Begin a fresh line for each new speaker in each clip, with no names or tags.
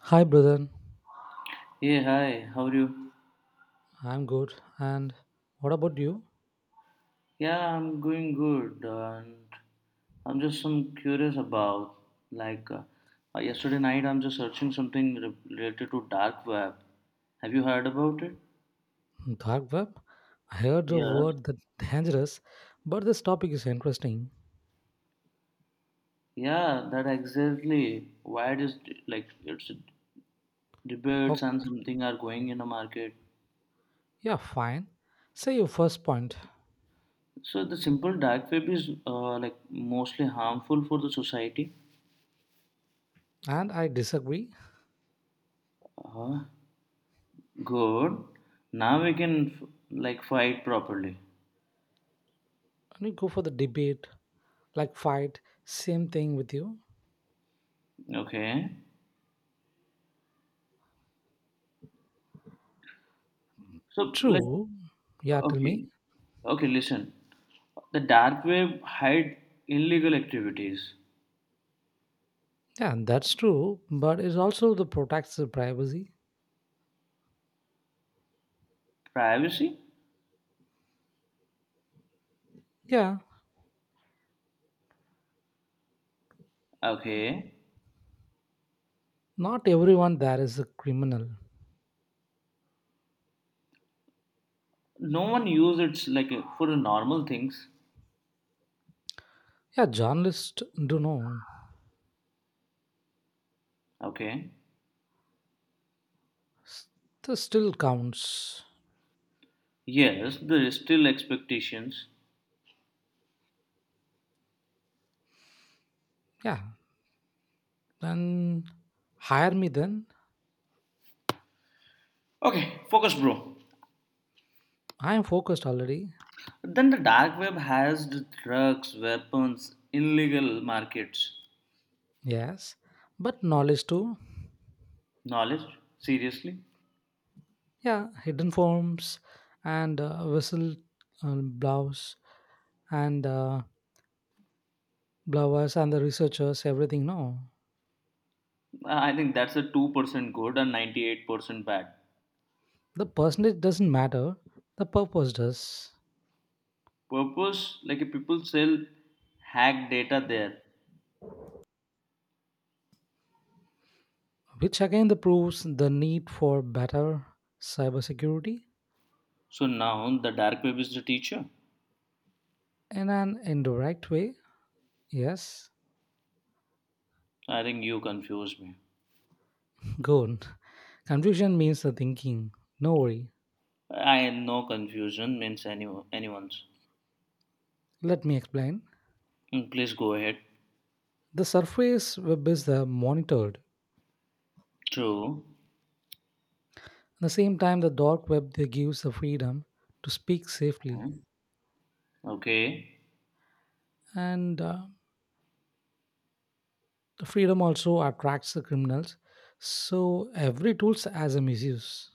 Hi, brother.
Hey, hi, how are you?
I'm good. And what about you?
Yeah, I'm going good, and I'm just some curious about like uh, yesterday night. I'm just searching something related to dark web. Have you heard about it?
Dark web? I heard the
Yes.
word that dangerous, but this topic is interesting.
Yeah, that exactly. Why it is like it's debates
Oh,
and something are going in the market.
yeah, fine. Say your first point,
So the simple dark web is like mostly harmful for the society.
and I disagree.
Uh, Good. Now we can like fight properly.
And you go for the debate, like fight. Same thing with you.
Okay. So like
True. Yeah, tell me.
okay. Okay, listen. The dark web hide illegal activities.
Yeah, that's true. But it also the protects the privacy.
Privacy?
Yeah,
Okay.
not everyone there is a criminal.
No one use it like for the normal things.
Yeah, journalists do know.
Okay.
S- This still counts.
Yes, there is still expectations.
Yeah, then hire me then.
Okay, focus bro.
I am focused already.
Then the dark web has the drugs, weapons, illegal markets.
Yes, but knowledge too.
Knowledge? Seriously?
Yeah, hidden forms and whistle blouse and blowers and the researchers, everything. No,
I think that's a 2% good and 98% bad.
the percentage doesn't matter. The purpose does,
Purpose, like people sell hack data there.
which again the proves the need for better cybersecurity
So now the dark web is the teacher.
in an indirect way. Yes,
I think you confused me.
good. Confusion means the thinking. No worry.
I no confusion means anyone's.
Let me explain.
Mm, please go ahead.
The surface web is monitored. At
True.
the same time, the dark web they gives the freedom to speak safely,
Mm, okay.
and the freedom also attracts the criminals. So every tools has a misuse.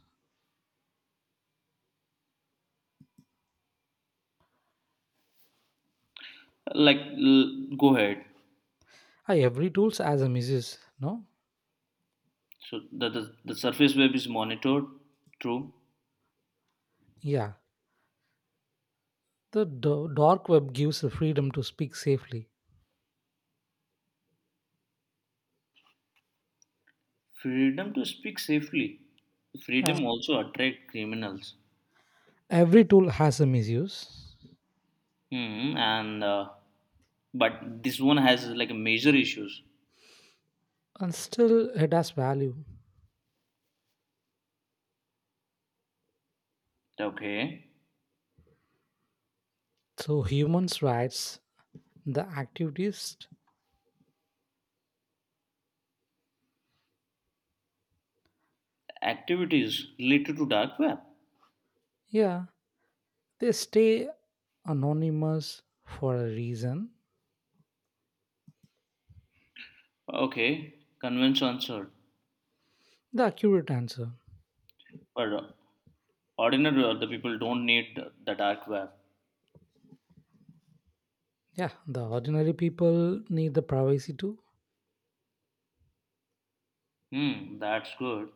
Like go ahead.
Ah, every tools has a misuse. No,
So the surface web is monitored. True.
yeah. The dark web gives the freedom to speak safely.
Freedom to speak safely.
Yeah,
Freedom also attract criminals.
every tool has a misuse,
Hmm. And but this one has like major issues.
and still it has value.
Okay.
So humans' rights, the activities.
Activities related to dark web.
Yeah, they stay anonymous for a reason.
Okay, convince answered.
The accurate answer.
But ordinary or the people don't need the dark web.
Yeah, the ordinary people need the privacy too.
Hmm, that's good.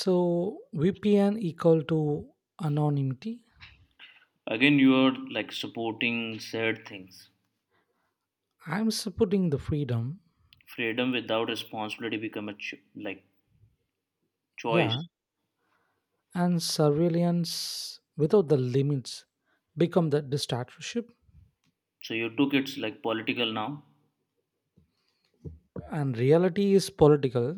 So VPN equal to anonymity.
Again, you are like supporting said things.
I'm supporting the freedom.
Freedom without responsibility become a like
Yeah,
choice.
and surveillance without the limits become the dictatorship.
So you took it's like political now.
And reality is political.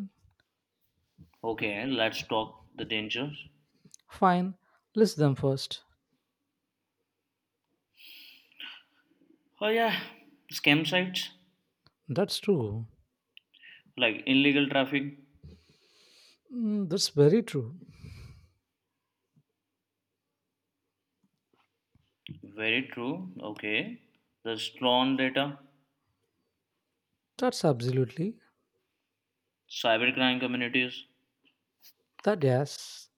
Okay, let's talk the dangers.
Fine, list them first.
Oh yeah, scam sites
That's true.
like illegal traffic.
Mm, that's very true.
Very true. Okay, the stolen data,
That's absolutely.
cybercrime communities.
That yes.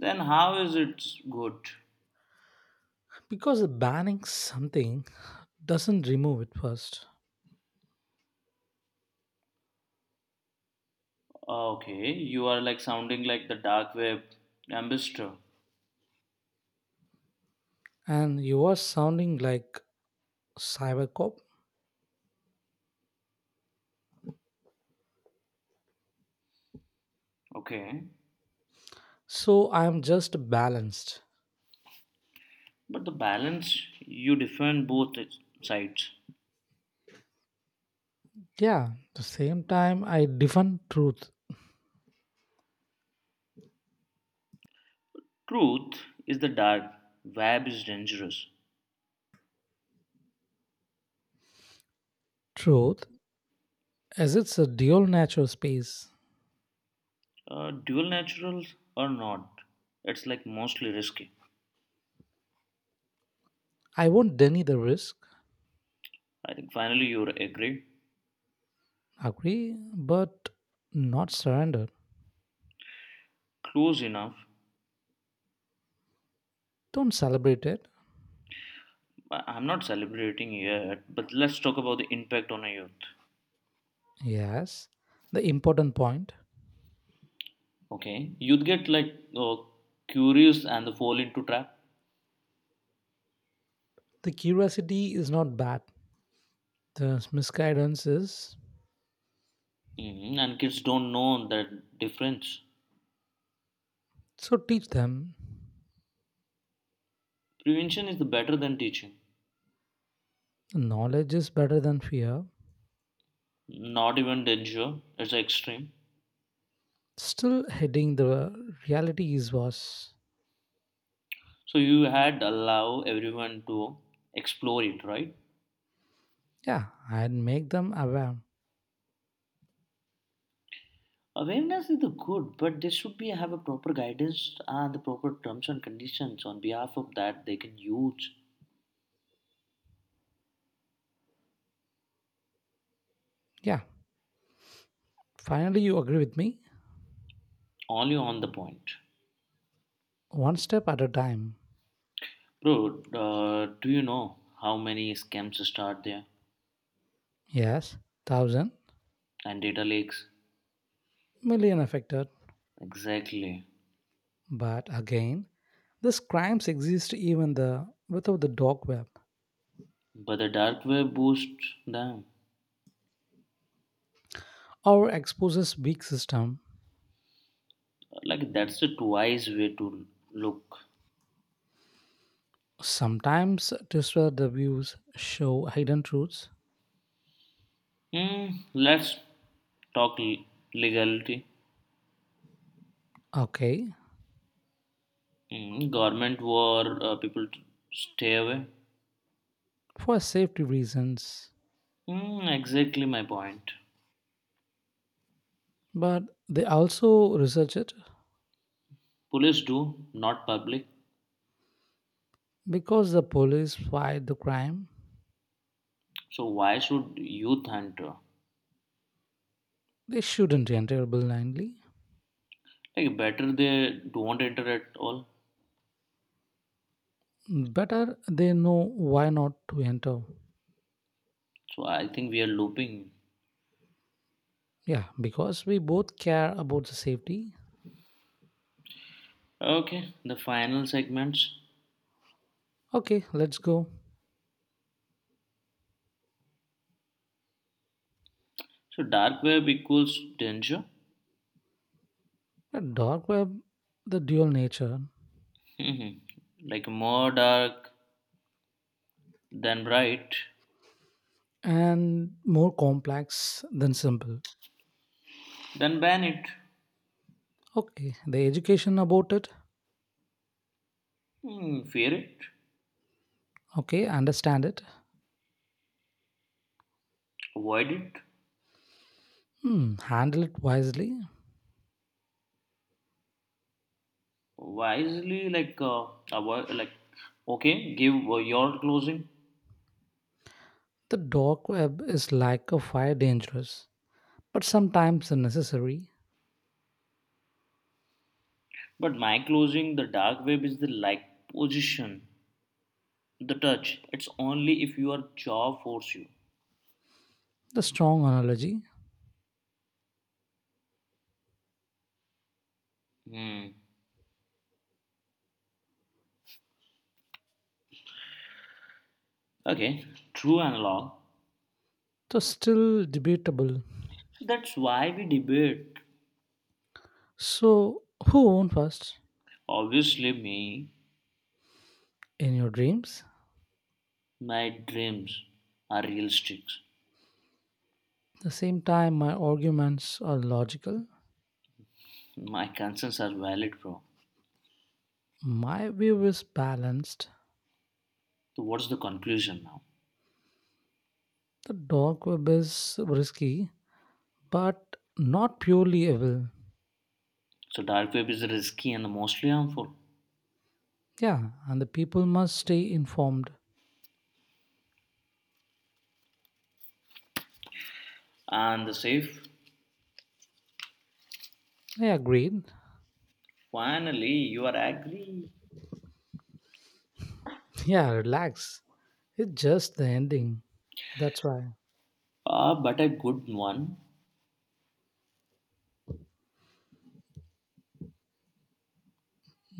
Then how is it good?
Because banning something doesn't remove it first.
Okay, you are like sounding like the dark web ambassador.
And you are sounding like cybercop,
Okay,
so I am just balanced.
but the balance you defend both sides.
Yeah, the same time I defend truth.
Truth is the dark web is dangerous.
Truth as it's a dual natural space.
Dual naturals or not, it's like mostly risky.
I won't deny the risk.
I think finally you agree.
Agree, but not surrender.
Close enough.
Don't celebrate it.
I'm not celebrating yet, but let's talk about the impact on a youth.
Yes, the important point.
Okay, youth get like curious and they fall into trap.
The curiosity is not bad, the misguidance is.
Mhm, and kids don't know that difference.
So teach them.
Prevention is the better than teaching.
Knowledge is better than fear.
Not even danger. It's extreme.
Still heading the reality is worse.
So you had allow everyone to explore it, right?
Yeah, and make them aware.
Awareness is the good, but they should be have a proper guidance and the proper terms and conditions on behalf of that they can use
Yeah, finally you agree with me.
only on the point.
One step at a time.
Bro, do you know how many scams start there
Yes, thousand.
and data leaks?
Million affected.
Exactly.
But again, these crimes exist even the without the dark web,
But the dark web boosts them.
or exposes weak system.
Like that's a wise way to look.
Sometimes disrupt the views show hidden truths.
Mm, let's talk legality.
Okay,
Mm, government war, people stay away.
for safety reasons.
Mm, exactly my point.
But they also research it.
Police do, not public.
Because the police fight the crime,
So why should youth enter?
they shouldn't enter blindly.
Like better they don't enter at all.
Better they know why not to enter.
So I think we are looping.
Yeah, because we both care about the safety.
Okay, the final segments.
Okay, let's go.
So dark web equals danger.
The dark web, the dual nature,
Like more dark than bright,
and more complex than simple.
then ban it.
Okay, the education about it.
Hmm, fear it,
Okay, understand it.
avoid it
Hmm, handle it wisely.
wisely. Like, avoid, like, okay, give your closing,
The dark web is like a fire dangerous, but sometimes necessary.
but my closing, the dark web is the like position, the touch. It's only if your jaw force you.
The strong analogy.
Hmm. Okay, true analog.
So still debatable.
That's why we debate.
So who won first,
Obviously, me,
in your dreams?
my dreams are realistic.
At the same time, my arguments are logical.
My concerns are valid, bro.
My view is balanced.
So, what's the conclusion now?
The dog web is risky, but not purely evil.
So, dark web is risky and mostly harmful.
Yeah, and the people must stay informed.
And the chef,
I agreed.
finally, you are agree.
Yeah, relax. It's just the ending. That's why.
Ah, but a good one.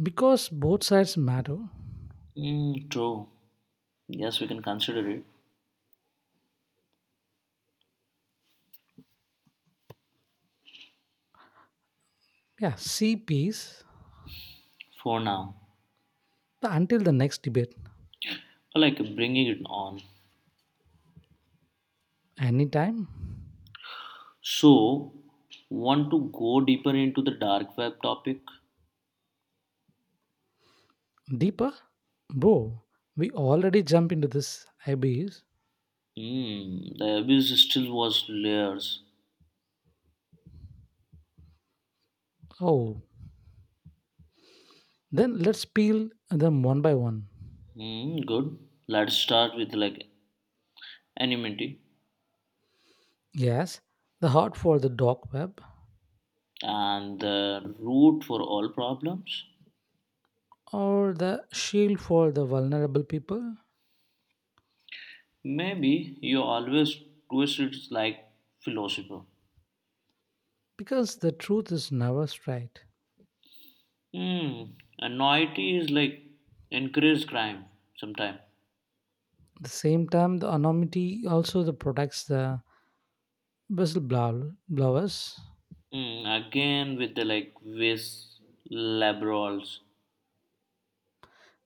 Because both sides matter.
Mm, true. Yes, we can consider it
Yeah, see peace.
for now.
Until the next debate.
Like bringing it on.
Anytime.
So, want to go deeper into the dark web topic?
Deeper? Bro, we already jumped into this abyss.
Hmm, the abyss still was layers.
Oh, then let's peel them one by one.
Hmm, good. Let's start with like anonymity
Yes, the heart for the dark web,
and the root for all problems.
or the shield for the vulnerable people,
Maybe you always twist it like philosopher.
because the truth is never straight.
Hmm, anonymity is like encourage crime sometime.
At the same time, the anonymity also the protects the blowers.
Hmm, again with the like vis laborals.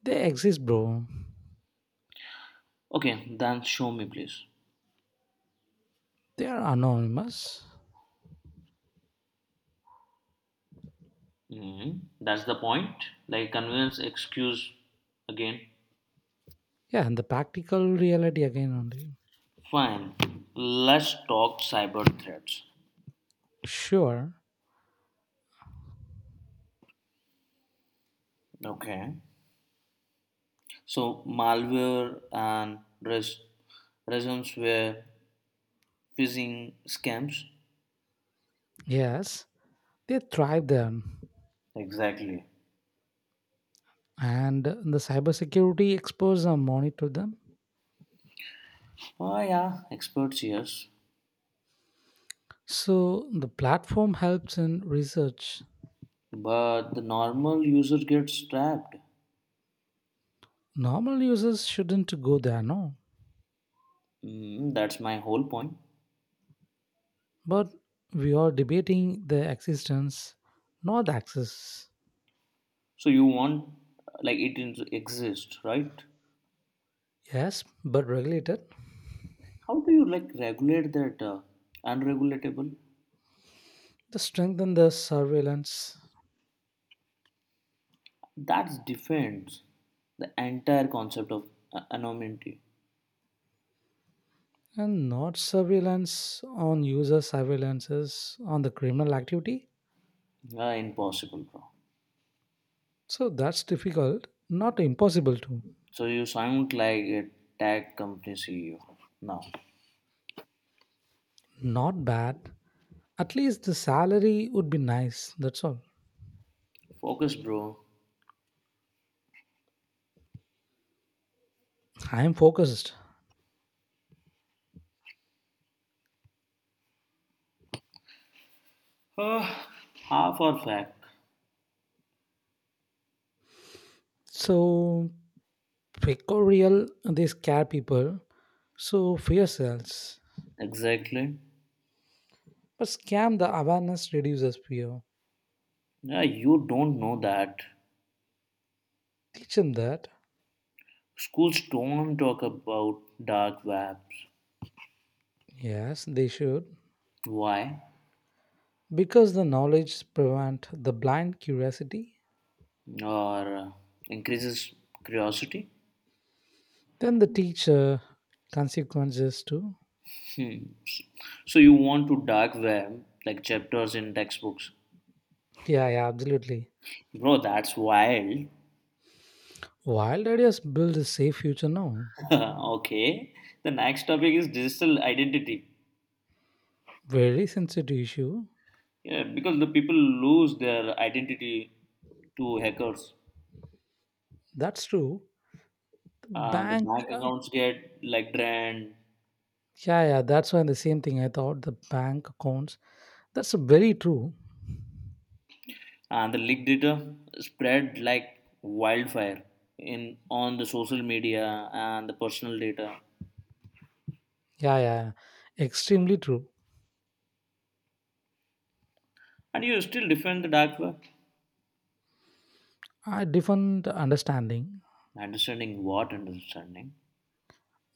They exist, bro.
Okay, then show me please.
They are anonymous.
Hmm, that's the point. Like convince excuse again.
Yeah, and the practical reality again only.
Fine. Let's talk cyber threats.
Sure,
Okay. So malware and ransomware phishing scams.
yes, they thrive there.
Exactly.
And the cybersecurity experts are monitor them.
Oh yeah, experts yes.
So the platform helps in research.
But the normal user gets trapped.
Normal users shouldn't go there, no.
Mm, that's my whole point.
But we are debating the existence, not the access.
So you want like it exists, right?
Yes, but regulated
How do you like regulate that unregulatable?
to strengthen the surveillance,
That defends the entire concept of anonymity.
and not surveillance on user surveillances on the criminal activity.
Impossible, bro.
So that's difficult, not impossible to,
So you sound like a tech company CEO now.
not bad. At least the salary would be nice, that's all.
Focus, bro.
I am focused.
Ah, half or fact.
So, real they scare people, so fear sells.
Exactly.
But scam the awareness reduces fear.
Yeah, you don't know that.
Teach them that.
Schools don't talk about dark webs.
Yes, they should.
Why?
Because the knowledge prevent the blind curiosity.
Or increases curiosity.
Then the teacher consequences too.
Hmm. So you want to dark web like chapters in textbooks,
Yeah, yeah, absolutely.
bro? That's wild.
Wild ideas build a safe future now.
Okay. The next topic is digital identity.
Very sensitive issue.
Yeah, because the people lose their identity to hackers,
That's true. The
and the
bank,
bank accounts get like drained,
yeah, yeah, that's why the same thing I thought the bank accounts. That's very true.
and the leak data spread like wildfire in on the social media and the personal data,
Yeah, yeah, extremely true.
and you still defend the dark web.
I different understanding
Understanding what understanding.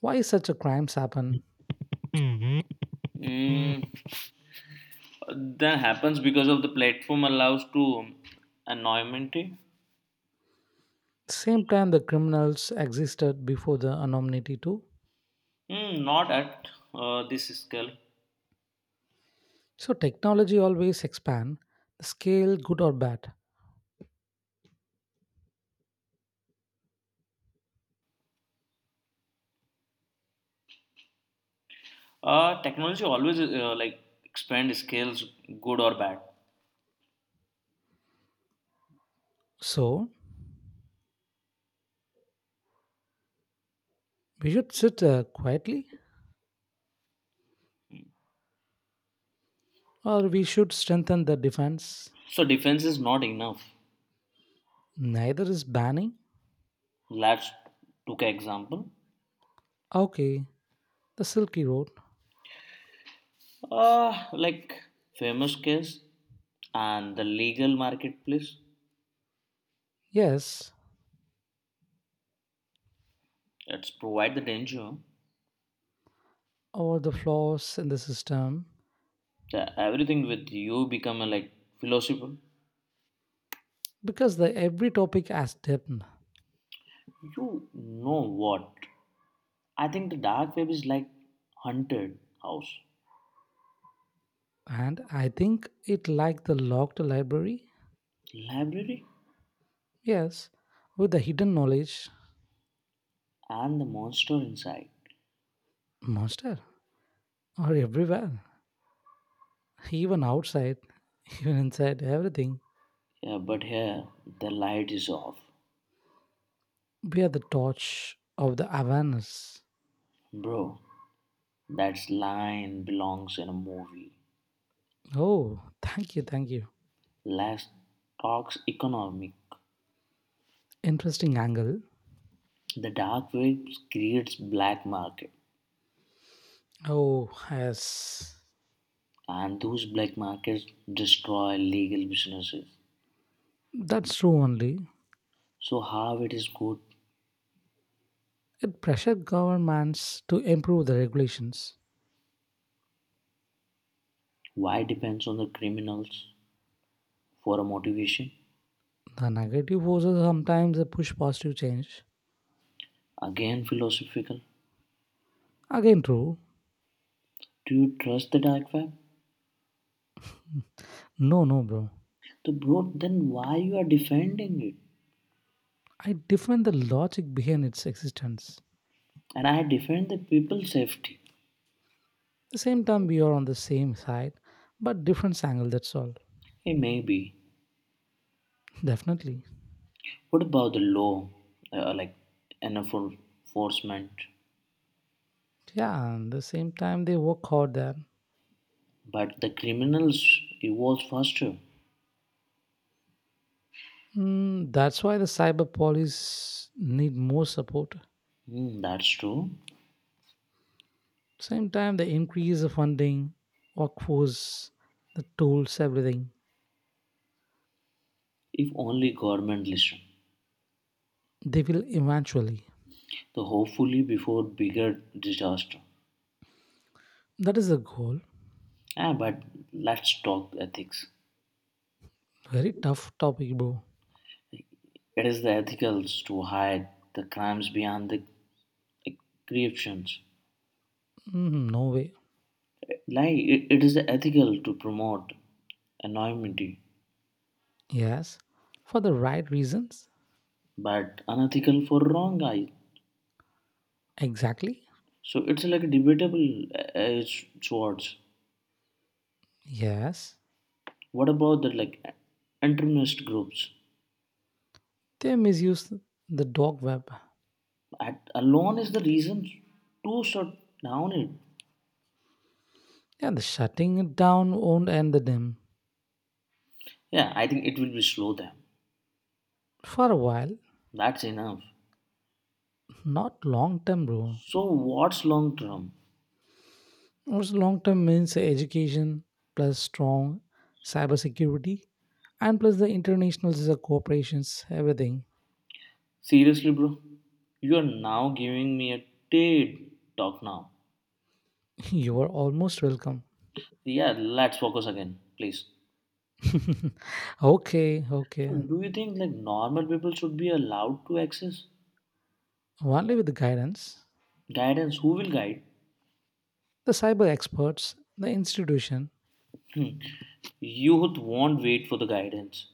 why such a crimes happen.
Mm, that happens because of the platform allows to anonymity.
Same time the criminals existed before the anonymity too.
Mm, not at this scale.
So technology always expand the scale, good or bad.
Technology always like expand scales good or bad,
So we should sit quietly, or we should strengthen the defense.
so defense is not enough.
Neither is banning.
Let's took example.
Okay, the silky road.
Like famous case and the legal marketplace.
Yes,
It's provide the danger.
or the flaws in the system,
The, everything with you become a like philosopher.
because the every topic has depth.
You know what? I think the dark web is like haunted house,
And I think it like the locked library.
library,
Yes, with the hidden knowledge.
and the monster inside.
Monster or everywhere, even outside. Even inside everything.
Yeah, but here the light is off,
We are the torch of the awareness.
bro. That line belongs in a movie.
Oh, thank you, thank you.
Less talks economic.
Interesting angle.
The dark web creates black market,
Oh yes.
and those black markets destroy legal businesses.
That's true only.
So how it is good?
It pressured governments to improve the regulations.
Why depends on the criminals for a motivation?
The negative forces sometimes push positive change.
Again philosophical.
Again true.
Do you trust the dark web?
No, no, bro.
So bro, then why you are defending it?
I defend the logic behind its existence.
And I defend the people's safety.
The same time we are on the same side, but different angle, that's all.
Hey, maybe.
Definitely.
What about the law? Like an enforcement.
Yeah, and the same time they work hard there.
But the criminals evolve faster.
Mm, that's why the cyber police need more support.
Hmm, that's true.
Same time they increase the funding, workforce, the tools, everything.
If only government listen.
They will eventually.
So hopefully before bigger disaster.
That is the goal.
Ah, but let's talk ethics.
Very tough topic, bro.
It is the ethicals to hide the crimes behind the creations.
Mm, no way.
Like it is ethical to promote anonymity,
Yes. For the right reasons.
but unethical for wrong eyes.
Exactly.
So it's like a debatable uh, swords.
Yes,
What about the like internist groups?
they misused the dark web.
At, alone is the reason to shut down it.
Yeah, the shutting it down won't end the them
Yeah, I think it will be slow them.
for a while,
That's enough.
not long term, bro.
So what's long term?
What's long term means education plus strong cybersecurity and plus the international corporations, everything.
Seriously, bro, you are now giving me a TED talk now.
You are almost welcome.
Yeah, let's focus again, please.
Okay,
So
okay.
do you think like normal people should be allowed to access
Only with the guidance,
guidance? Who will guide?
the cyber experts, the institution,
Hmm. Youth won't wait for the guidance.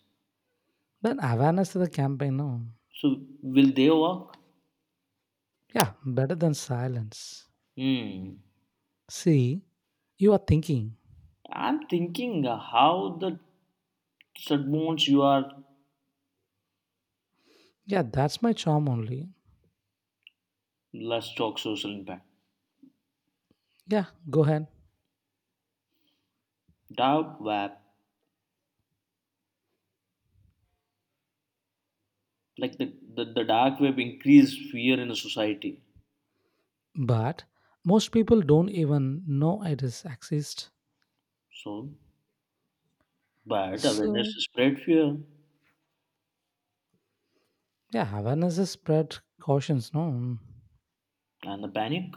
then awareness to the campaign. No,
So will they work?
yeah, better than silence.
Hmm.
See, you are thinking,
I'm thinking how the Sadbones you are.
yeah, that's my charm only.
Let's talk social impact.
Yeah, go ahead.
Dark web like the dark web increased fear in the society.
But most people don't even know it is exist.
So, but
So
awareness spread fear
yeah, awareness is spread cautions, no.
and the panic.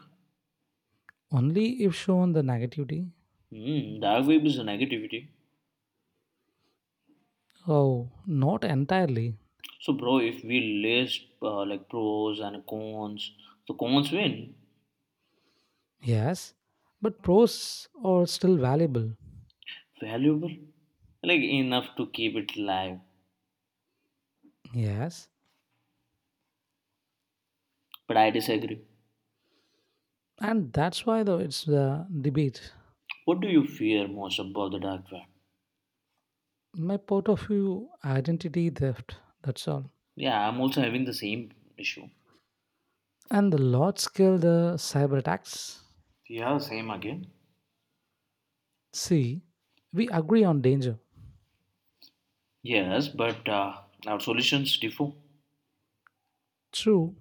Only if shown the negativity.
Mm, dark web is a negativity.
Oh, not entirely.
So, bro, if we list like pros and cons, the cons win.
Yes. But pros are still valuable.
Valuable, like enough to keep it live.
Yes.
But I disagree.
And that's why though it's the debate.
What do you fear most about the dark web?
My point of view, identity theft, that's all.
Yeah, I'm also having the same issue.
And the large scale the cyber attacks.
Yeah, same again.
C. We agree on danger
Yes, but our solutions differ.
through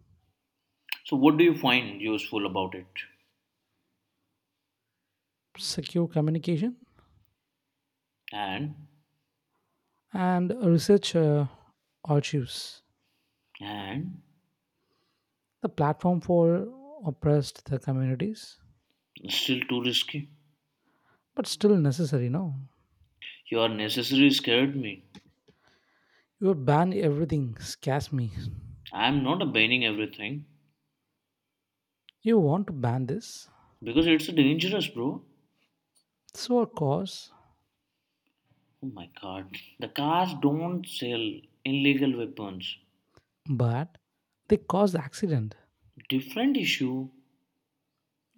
So, what do you find useful about it?
secure communication
And
and research archives,
and
the platform for oppressed the communities,
still too risky.
but still necessary. No,
You are necessarily scared me.
you ban everything scares me.
I'm not abandoning everything
You want to ban this,
because it's dangerous, bro.
so of course,
Oh my god. The cars don't sell illegal weapons.
but they cause the accident.
Different issue.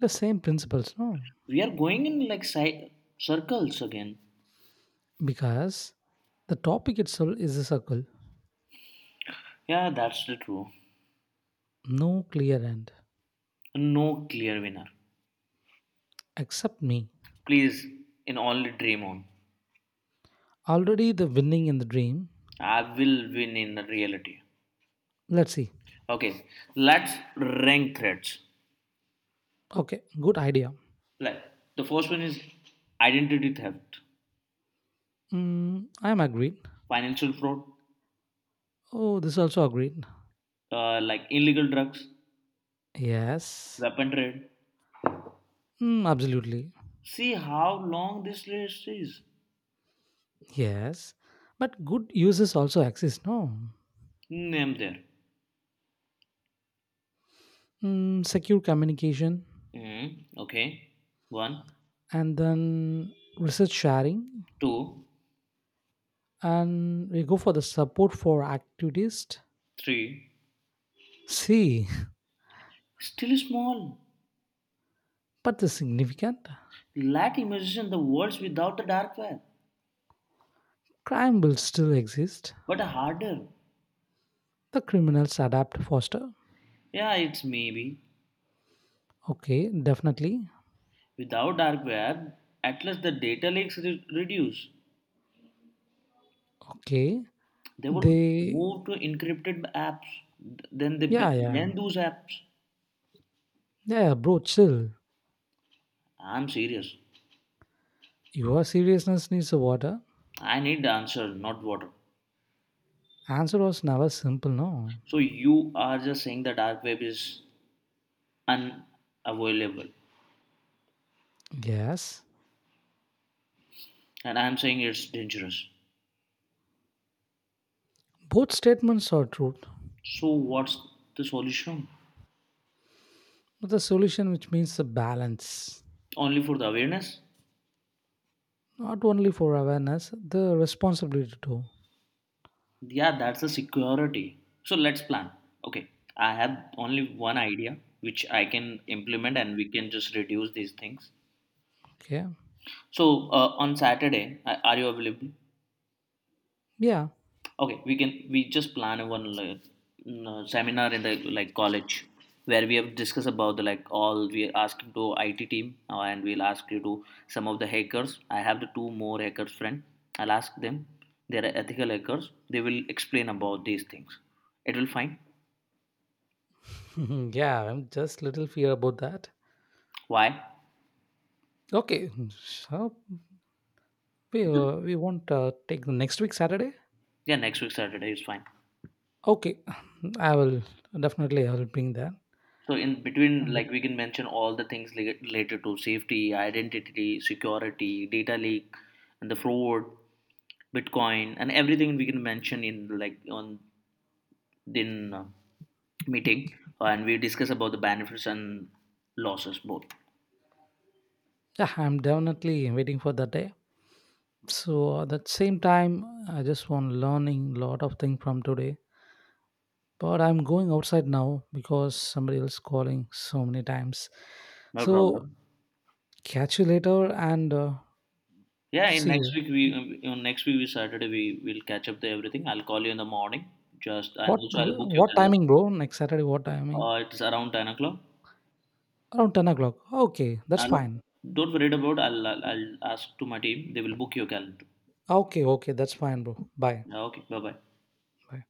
The same principles, no,
We are going in like circles again.
because the topic itself is a circle,
Yeah, that's the true.
no clear end,
No clear winner.
except me.
Please, in only dream on.
Already the winning in the dream.
I will win in the reality.
Let's see.
Okay, let's rank threats.
Okay, good idea.
Like the first one is identity theft,
Mm, I'm agreed.
financial fraud,
Oh, this also agreed.
like illegal drugs,
Yes.
weapon trade.
Mm, absolutely.
See how long this list is.
Yes. But good uses also exist, no?
Name there.
Mm, secure communication
Mm, okay. One,
and then research sharing.
two,
And we go for the support for activists.
three.
See,
Still small.
but the significant
Like imagine the worlds without the dark web,
crime will still exist.
but harder.
The criminals adapt faster.
Yeah, it's maybe.
Okay, definitely.
Without dark web, at least the data leaks reduce.
Okay.
They will
They,
move to encrypted apps. Then they
yeah, yeah.
ban those apps.
Yeah, bro, chill.
I'm serious.
Your seriousness needs a water.
I need the answer, not water.
Answer was never simple, no?
So you are just saying the dark web is unavoidable
Yes.
and I am saying it's dangerous.
Both statements are true.
So what's the solution?
But the solution which means the balance.
Only for the awareness.
Not only for awareness, the responsibility too.
Yeah, that's the security. So let's plan. Okay, I have only one idea which I can implement and we can just reduce these things.
Okay.
So on Saturday are you available?
Yeah.
Okay, we can we just plan a one like mm, seminar in the like college where we have discussed about the like all we ask to IT team and we'll ask you to some of the hackers. I have the two more hackers friend. I'll ask them. They are ethical hackers. They will explain about these things. It will fine.
Yeah, I'm just little fear about that.
Why?
Okay. So we won't take the next week Saturday.
Yeah, next week Saturday is fine.
Okay. I will definitely I will bring that.
So in between, like we can mention all the things related to safety, identity, security, data leak, and the fraud. Bitcoin and everything we can mention in like on in meeting and we discuss about the benefits and losses both.
Yeah, I'm definitely waiting for that day. So at that same time, I just want learning lot of things from today. But I'm going outside now because somebody else calling so many times.
No
So
problem.
catch you later and
Yeah, in
see
next
you.
week we on next week we Saturday we will catch up the everything. I'll call you in the morning. Just and
What
also I'll book your
what
calendar.
timing, bro? Next Saturday, what timing?
It's around 10 o'clock.
Around 10 o'clock. Okay, that's
I'll,
fine.
don't worry about. I'll ask to my team. They will book your calendar.
Okay, okay, that's fine, bro. Bye.
Okay. Bye bye.
Bye.